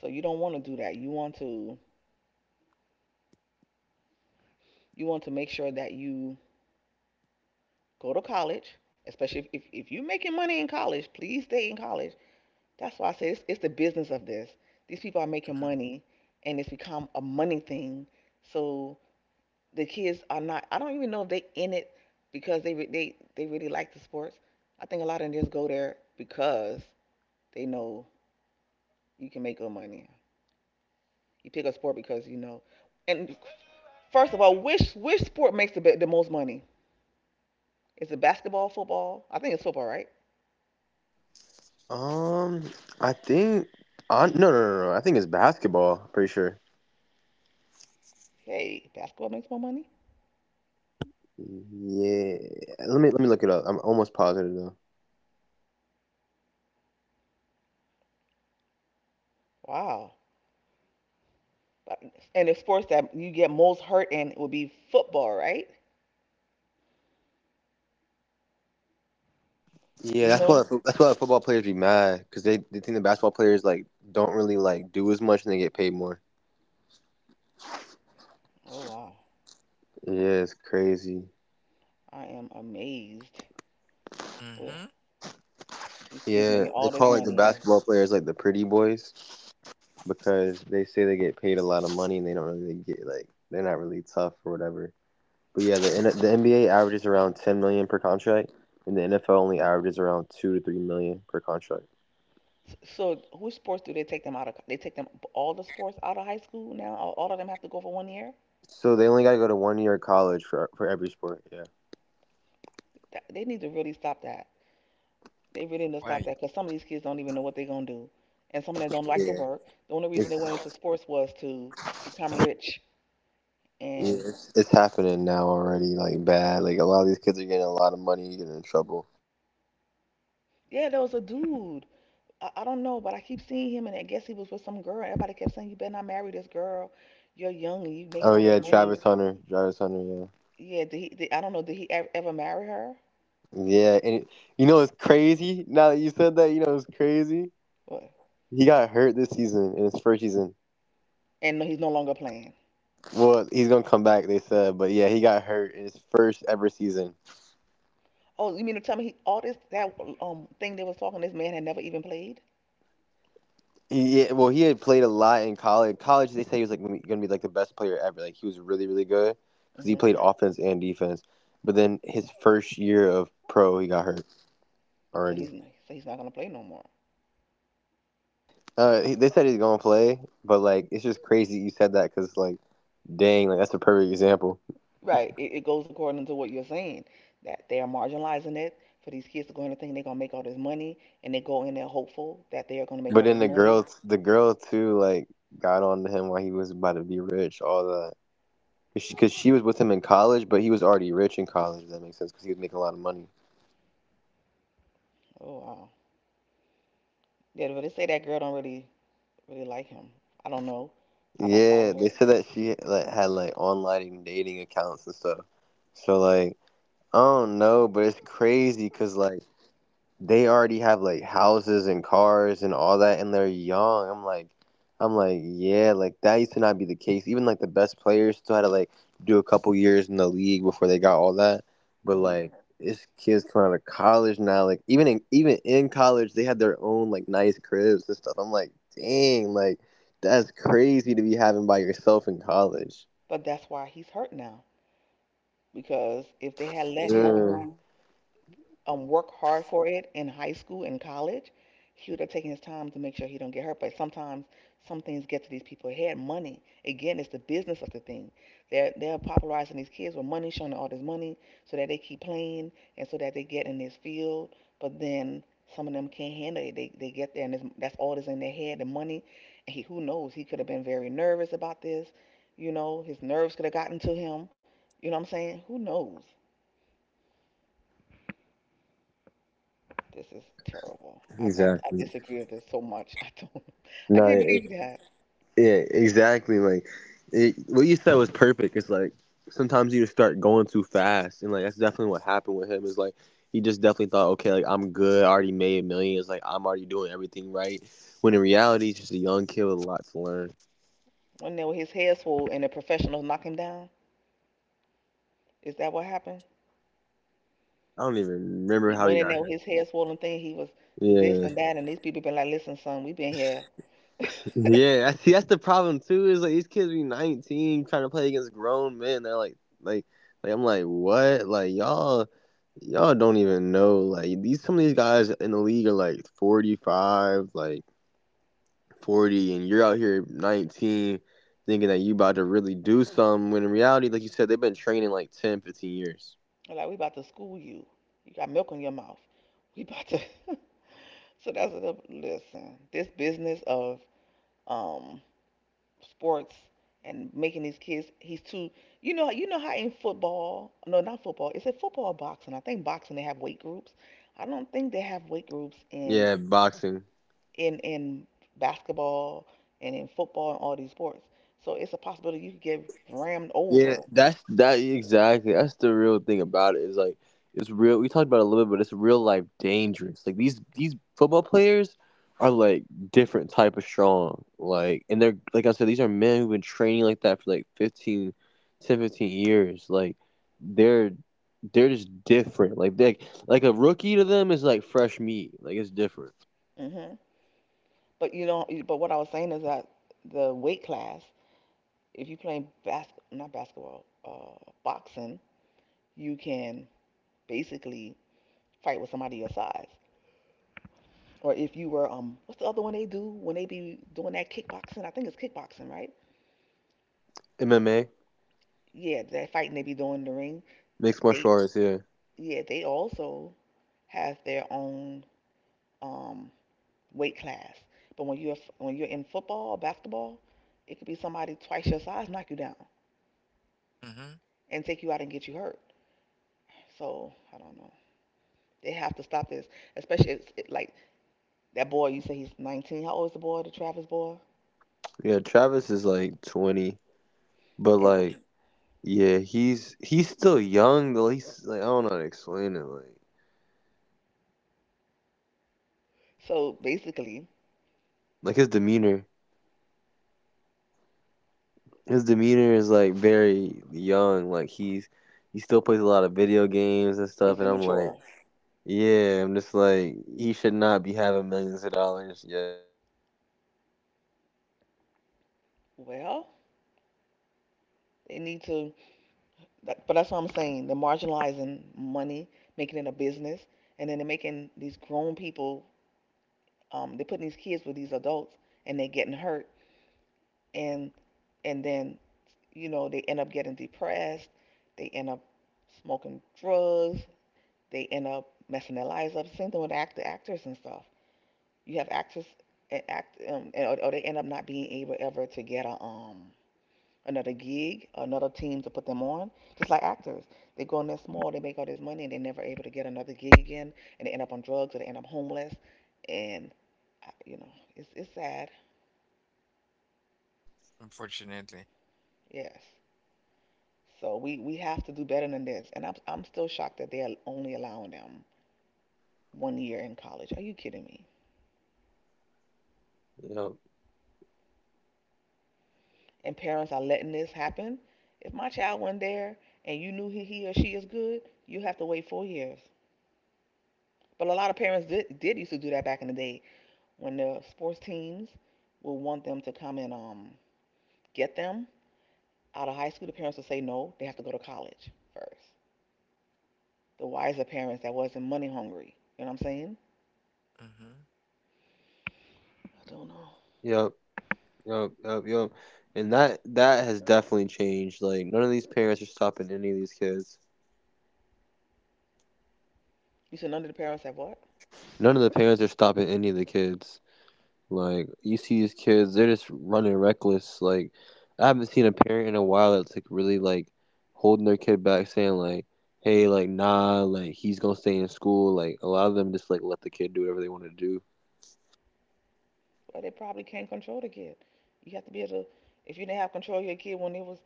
Speaker 1: So you don't want to do that. You want to make sure that you go to college, especially if you're making money in college, please stay in college. That's why I say it's the business of this. These people are making money and it's become a money thing. So the kids are not, I don't even know if they in it because they really like the sports. I think a lot of them just go there because they know you can make good money. You pick a sport because you know. And first of all, which sport makes the most money? Is it basketball, football? I think it's football, right? Hey, basketball makes more money? Wow. But- And the sports that you get most hurt in would be football, right? Do you know? Oh, wow. I am amazed. Well,
Speaker 2: Mhm.
Speaker 1: these kids making all this money. Yeah. S- So, which sports do they take them out of? Co- They take them all the sports out of high school now? All of them have to go for 1 year? That, they need to really stop that. They really need to stop
Speaker 2: Right.
Speaker 1: that because some of these kids don't even know what they're going to do. And some of them don't like to work. The only reason they went into sports was to become rich. And yeah, there was a dude. I don't know, but I keep seeing him, and I guess he was with some girl. Everybody kept saying, "You better not marry this girl. You're young and you making all this money." Yeah, did he? I don't know. Did he ever, ever marry her? What? And no, he's no longer playing. Oh, you mean to tell me he, all this that thing they was talking? This man had never even played. Hmm. So he's he's not gonna play no more. Right. It goes according to what you're saying, that they are marginalizing it for these kids to go in and think they're gonna make all this money, and they go in there hopeful that they are gonna make all this money. Oh, wow. Yeah, but they say that girl don't really like him. I don't know. I don't follow it. Hmm. But that's why he's hurt now, because if they had let him work hard for it in high school and college, he would have taken his time to make sure he don't get hurt. But sometimes some things get to these people. He had money, again, it's the business of the thing. They're popularizing these kids with money, showing all this money, so that they keep playing and so that they get in this field. But then some of them can't handle it. They get there and it's, that's all that's in their head, the money. And he, who knows? He could have been very nervous about this. You know, his nerves could have gotten to him. You know what I'm saying? Who knows? This is terrible. I disagree with this so much. *laughs* I don't. I can't believe that. Went in there with his head swollen and the professionals knocked him down. Is that what happened? He went in there with his head swollen thing. He was this and that, and these people been like, "Listen, son, we been here." *laughs* They're like, "We about to school you. You got milk in your mouth. We about to." *laughs* So that's the listen. This business of um sports and making these kids, he's too, you know. You know how in football, no, not football, is it football or boxing? I think boxing, they have weight groups. I don't think they have weight groups in in basketball and in football and all these sports, so it's a possibility you could get rammed over. Hmm. But you know, but what I was saying is that the weight class, if you play not basketball, boxing, you can basically fight with somebody your size. Or if you were what's the other one they do when they be doing that, kickboxing? I think it's kickboxing, right? Yeah, that fighting they be doing in the ring. They, yeah, they also have their own um weight class. But when you're in football, basketball, it could be somebody twice your size knock you down
Speaker 2: Mhm.
Speaker 1: and take you out and get you hurt. So I don't know, they have to stop this. Especially it's it, like, that boy you say he's 19, how old is the boy, the Travis boy? And so basically he's immature. Well, they need to. That, but that's what I'm saying. They're marginalizing money, making it a business, and then they're making these grown people. They're putting these kids with these adults, and they're getting hurt, and and then you know they end up getting depressed. They end up smoking drugs. They end up messing their lives up. Same thing with actors and stuff. You have actors or they end up not being able ever to get a another gig, another team to put them on. Just like actors, they go on there small, they make all this money, and they're never able to get another gig again, and they end up on drugs, or they end up homeless, and you know, it's sad.
Speaker 2: Unfortunately.
Speaker 1: Yes. So we have to do better than this, and I'm still shocked that they are only allowing them one year in college. Are you kidding me? And parents are letting this happen. If my child went there and you knew he or she is good, you have to wait 4 years. But a lot of parents did used to do that back in the day, when the sports teams will want them to come and get them out of high school, the parents will say no, they have to go to college first. The wiser parents that wasn't money hungry, you know what I'm saying?
Speaker 2: Mhm.
Speaker 1: I don't know. You said none of the parents have what? Well, they probably can't control the kid. You have to be able to. If you didn't have control of your kid when they was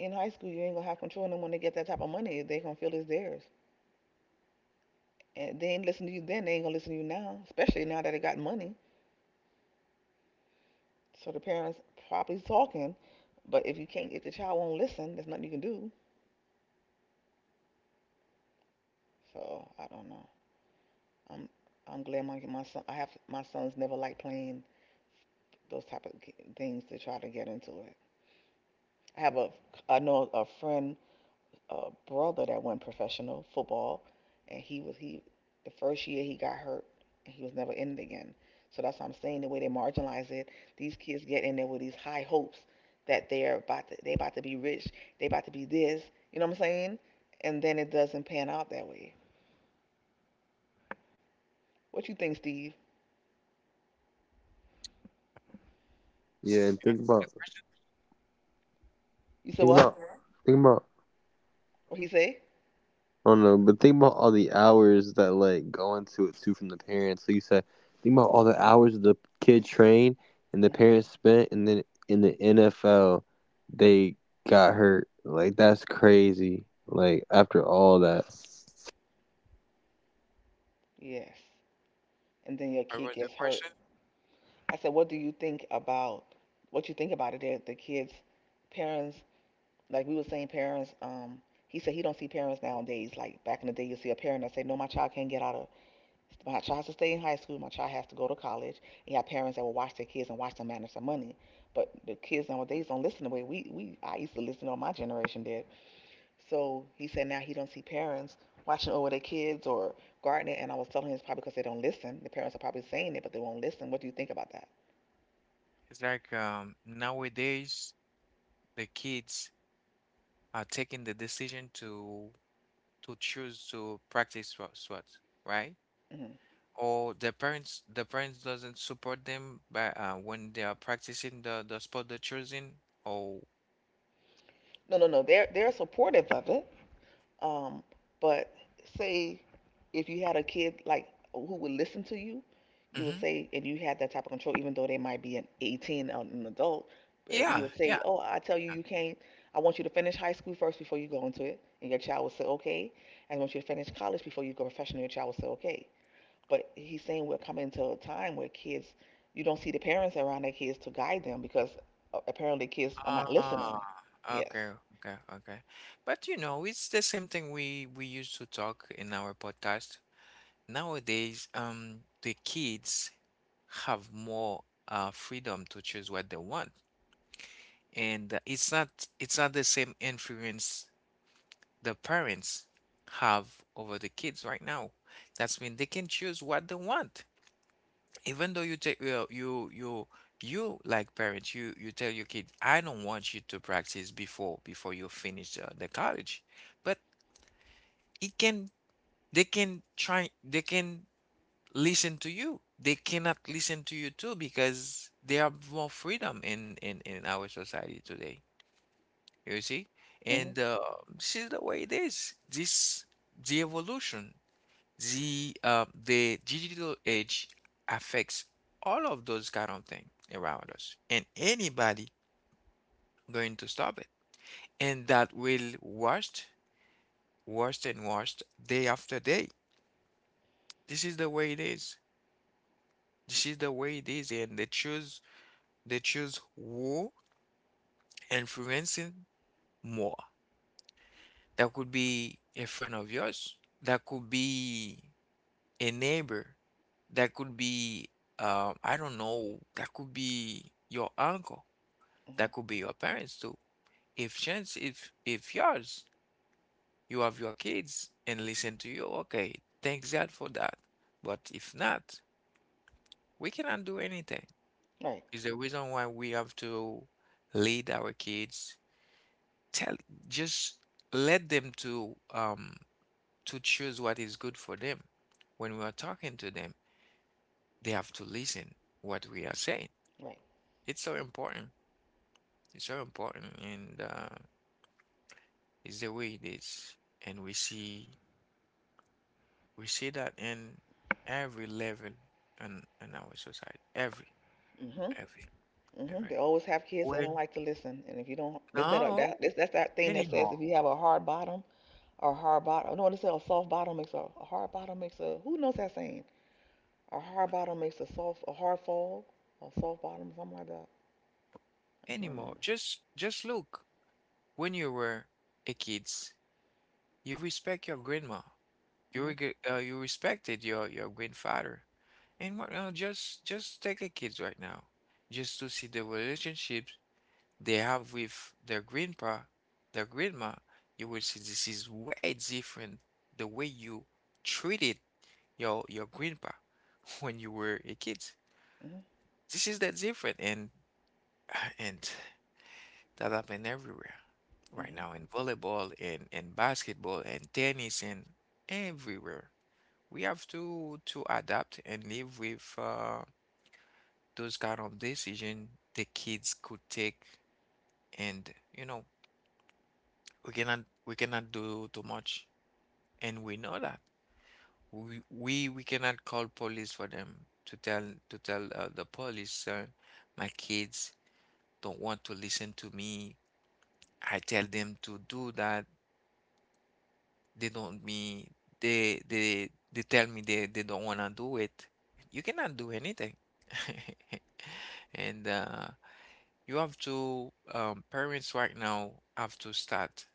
Speaker 1: in high school, you ain't gonna have control of them when they get that type of money. They gonna feel it's theirs, and they ain't listen to you then. They ain't gonna listen to you now, especially now that they got money. So the parents probably talking, but if you can't, if the child won't listen, there's nothing you can do. So I don't know. I'm I'm glad my son. I have my sons never like playing those type of things to try to get into it. I have a I know a friend, a brother that went professional football, and he was he the first year he got hurt and he was never in it again. So that's what I'm saying. The way they marginalize it, these kids get in there with these high hopes that they about to be rich, they about to be this. You know what I'm saying? And then it doesn't pan out that way. What you think, Steve? You said what? What he say? Mhm. Yes. And then your
Speaker 2: What
Speaker 1: kid
Speaker 2: was the
Speaker 1: gets hurt.
Speaker 2: question?
Speaker 1: I said, what do you think about it? That the kids, parents, like we were saying, parents. He said he don't see parents nowadays. Like back in the day, you see a parent that say, no, my child can't get out of. My child has to stay in high school. My child has to go to college. And you have parents that will watch their kids and watch them manage their money. But the kids nowadays don't listen the way we I used to listen, or my generation did. So he said now he don't see parents watching over their kids or gardening. And I was telling him it's probably because they don't listen. The parents are probably saying it, but they won't listen. What do you think about that?
Speaker 2: It's like, nowadays the kids are taking the decision to choose to practice, SWAT, right?
Speaker 1: Mhm.
Speaker 2: Or the parents doesn't support them by, when they are practicing the sport they're choosing. Or
Speaker 1: No, no, no. They're supportive of it. Um, but say if you had a kid like who would listen to you, you would
Speaker 2: mhm.
Speaker 1: say, and you had that type of control, even though they might be an 18 or an adult, but you
Speaker 2: Yeah,
Speaker 1: would say,
Speaker 2: yeah.
Speaker 1: oh, I tell you, you can't. I want you to finish high school first before you go into it, and your child would say okay. And I want you to finish college before you go professional. Your child would say, okay. But he's saying we're coming to a time where kids, you don't see the parents around their kids to guide them because apparently kids are not
Speaker 2: Ah,
Speaker 1: listening. Yes.
Speaker 2: okay, okay, okay. But you know, it's the same thing we used to talk in our podcast. Nowadays, the kids have more, freedom to choose what they want, and, it's not the same influence the parents have over the kids right now. That's mean they can choose what they want, even though you take you you you you like parents, you tell your kid, I don't want you to practice before you finish, the college, but it can, they can try, they can listen to you. They cannot listen to you too, because they have more freedom in our society today. You see,
Speaker 1: Mhm.
Speaker 2: and, this is the way it is. This the evolution, the digital age affects all of those kind of things around us, and anybody going to stop it, and that will worst, worst and worst day after day. This is the way it is. This is the way it is, and they choose who influencing more. That could be a friend of yours, that could be a neighbor, that could be, I don't know, that could be your uncle,
Speaker 1: Mhm.
Speaker 2: that could be your parents too. If chance, if yours, you have your kids and listen to you, okay, thanks God for that. But if not, we cannot do anything.
Speaker 1: Right.
Speaker 2: Is the reason why we have to lead our kids, tell, just let them to, to choose what is good for them. When we are talking to them, they have to listen what we are saying.
Speaker 1: Right.
Speaker 2: It's so important. It's so important, and, it's the way it is. And we see that in every level in our society. Every
Speaker 1: Mhm.
Speaker 2: every
Speaker 1: Mhm.
Speaker 2: level.
Speaker 1: They always have kids that don't
Speaker 2: When
Speaker 1: like to listen, and if you don't, they said
Speaker 2: now,
Speaker 1: that this, that's that thing that says,
Speaker 2: anymore
Speaker 1: if you have a hard bottom, or a hard bottom, no, they said a soft bottom makes a hard bottom makes a, who knows that saying? A hard bottom makes a soft, a hard fall, a soft bottom, something like that. I can't
Speaker 2: anymore.
Speaker 1: remember.
Speaker 2: Just look. When you were a kids, you respect your grandma. You,
Speaker 1: Mhm.
Speaker 2: you respected your grandfather. And what now? Just take the kids right now, just to see the relationships they have with their grandpa, their grandma. You will see this is way different the way you treated your grandpa, *laughs* when you were a kid.
Speaker 1: Mhm.
Speaker 2: This is that different, and *sighs* and that happened everywhere right
Speaker 1: Mhm.
Speaker 2: now in volleyball, and basketball, and tennis, and everywhere. We have to adapt and live with, those kind of decision the kids could take, and you know, we cannot we cannot do too much, and we know that we cannot call police for them to tell to tell, the police, my kids don't want to listen to me. I tell them to do that, they don't me, they tell me they don't want to do it. You cannot do anything. *laughs* And, you have to, parents right now have to start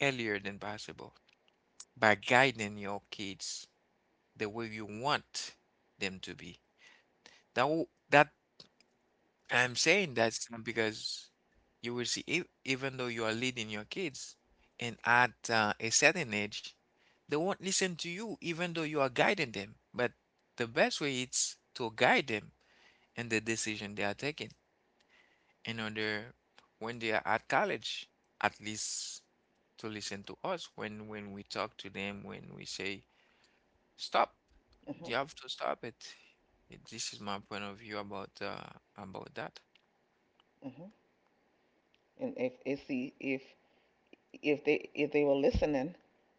Speaker 2: earlier than possible by guiding your kids the way you want them to be. That w- that I'm saying that because you will see, even though you are leading your kids, and at, a certain age, they won't listen to you, even though you are guiding them. But the best way is to guide them in the decision they are taking, in order when they are at college, at least to listen to us when we talk to them, when we say stop,
Speaker 1: Mhm.
Speaker 2: you have to stop it. This is my point of view about, about that.
Speaker 1: Mhm. And if see if if they were listening,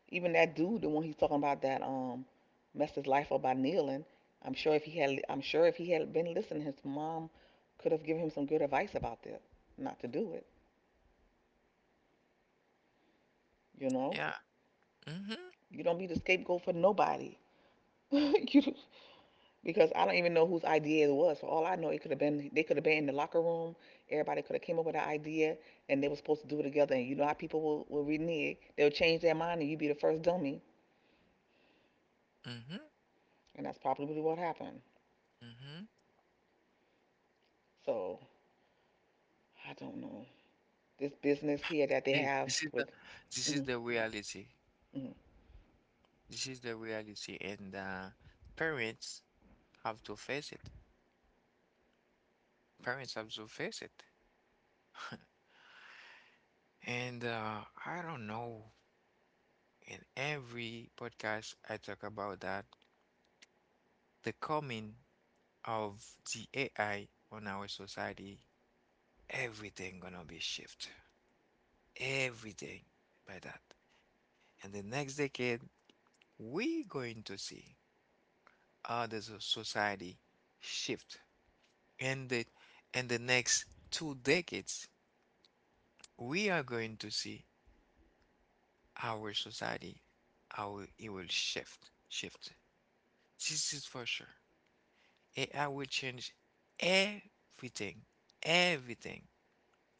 Speaker 1: even that dude, the one he's talking about that messed his life up by kneeling. I'm sure if he had been listening, his mom could have given him some good advice about that, not to do it. You know,
Speaker 2: Yeah. Mm-hmm.
Speaker 1: you don't be the scapegoat for nobody. *laughs* You, because I don't even know whose idea it was. For all I know, it could have been, they could have been in the locker room. Everybody could have came up with an idea, and they were supposed to do it together. And you know how people will renege; they'll change their mind, and you be the first dummy.
Speaker 2: Mm-hmm.
Speaker 1: And that's probably really what happened.
Speaker 2: Mm-hmm.
Speaker 1: So I don't know. This business here that they
Speaker 2: This,
Speaker 1: have
Speaker 2: this is the
Speaker 1: with,
Speaker 2: this is
Speaker 1: mhm,
Speaker 2: the reality.
Speaker 1: mhm.
Speaker 2: This is the reality, and, parents have to face it. Parents have to face it. *laughs* And, I don't know. In every podcast, I talk about that the coming of the AI on our society, everything gonna be shift, everything by that. And the next decade, we going to see how the society shift. And the, next 2 decades, we are going to see our society, how it will shift, shift. This is for sure. AI will change everything, everything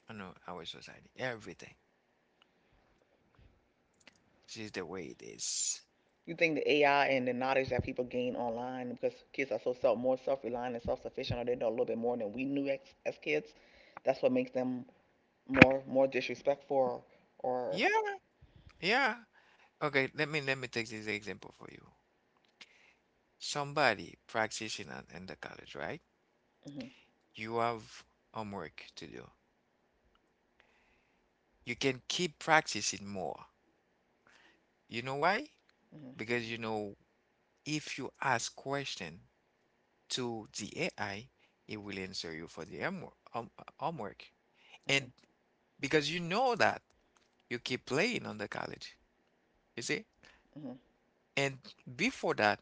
Speaker 2: I know our society, everything. This is the way it is.
Speaker 1: You think the AI and the knowledge that people gain online, because kids are so self, more self reliant and self sufficient, or they know a little bit more than we knew as kids. That's what makes them more disrespectful, or.
Speaker 2: Yeah, yeah. Okay, let me take this example for you. Somebody practicing, in the college, right?
Speaker 1: Mhm,
Speaker 2: You have homework to do. You can keep practicing more. You know why?
Speaker 1: mhm,
Speaker 2: Because you know if you ask question to the AI, it will answer you for the homework, homework. And
Speaker 1: mhm,
Speaker 2: because you know that you keep playing on the college, you see?
Speaker 1: mhm.
Speaker 2: And before that,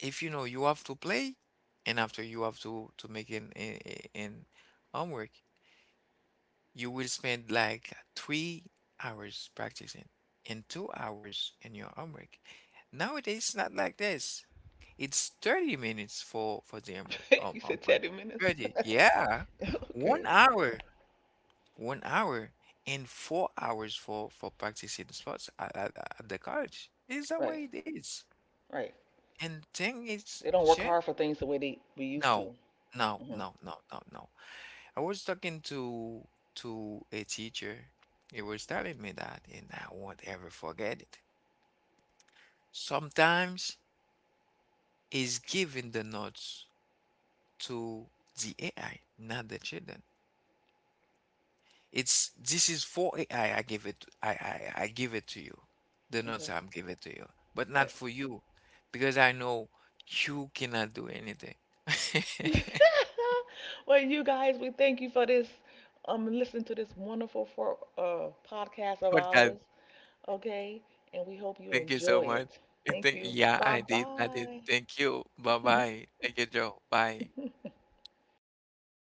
Speaker 2: if you know you have to play, and after you have to make an, an homework, you will spend like 3 hours practicing and 2 hours in your homework. Nowadays, it's not like this. It's 30 minutes for the
Speaker 1: *laughs* You said
Speaker 2: homework.
Speaker 1: 10 minutes.
Speaker 2: 30, yeah.
Speaker 1: *laughs*
Speaker 2: One
Speaker 1: Okay.
Speaker 2: hour. One hour and 4 hours for practicing sports at, the college. Is that what
Speaker 1: Right.
Speaker 2: it is?
Speaker 1: Right.
Speaker 2: And thing is
Speaker 1: They don't work
Speaker 2: changed?
Speaker 1: hard for things the way they we used
Speaker 2: No,
Speaker 1: to.
Speaker 2: no,
Speaker 1: Hmm.
Speaker 2: no, no, no, no. I was talking to a teacher. He was telling me that, and I won't ever forget it. Sometimes he's giving the notes to the AI, not the children. It's this is for AI. I give it. I give it to you. The notes
Speaker 1: Okay.
Speaker 2: I'm give it to you, but not
Speaker 1: Right.
Speaker 2: for you, because I know you cannot do anything. *laughs*
Speaker 1: *laughs* Well, you guys, we thank you for this. Listening to this wonderful for, podcast of
Speaker 2: But
Speaker 1: ours.
Speaker 2: God,
Speaker 1: Okay, and we hope you
Speaker 2: thank you so
Speaker 1: enjoy
Speaker 2: much.
Speaker 1: it.
Speaker 2: And
Speaker 1: Thank you.
Speaker 2: Yeah,
Speaker 1: Bye
Speaker 2: I did. I did. Thank you. Bye
Speaker 1: bye.
Speaker 2: bye. Thank you, Joe. Bye.
Speaker 1: *laughs*
Speaker 2: *laughs*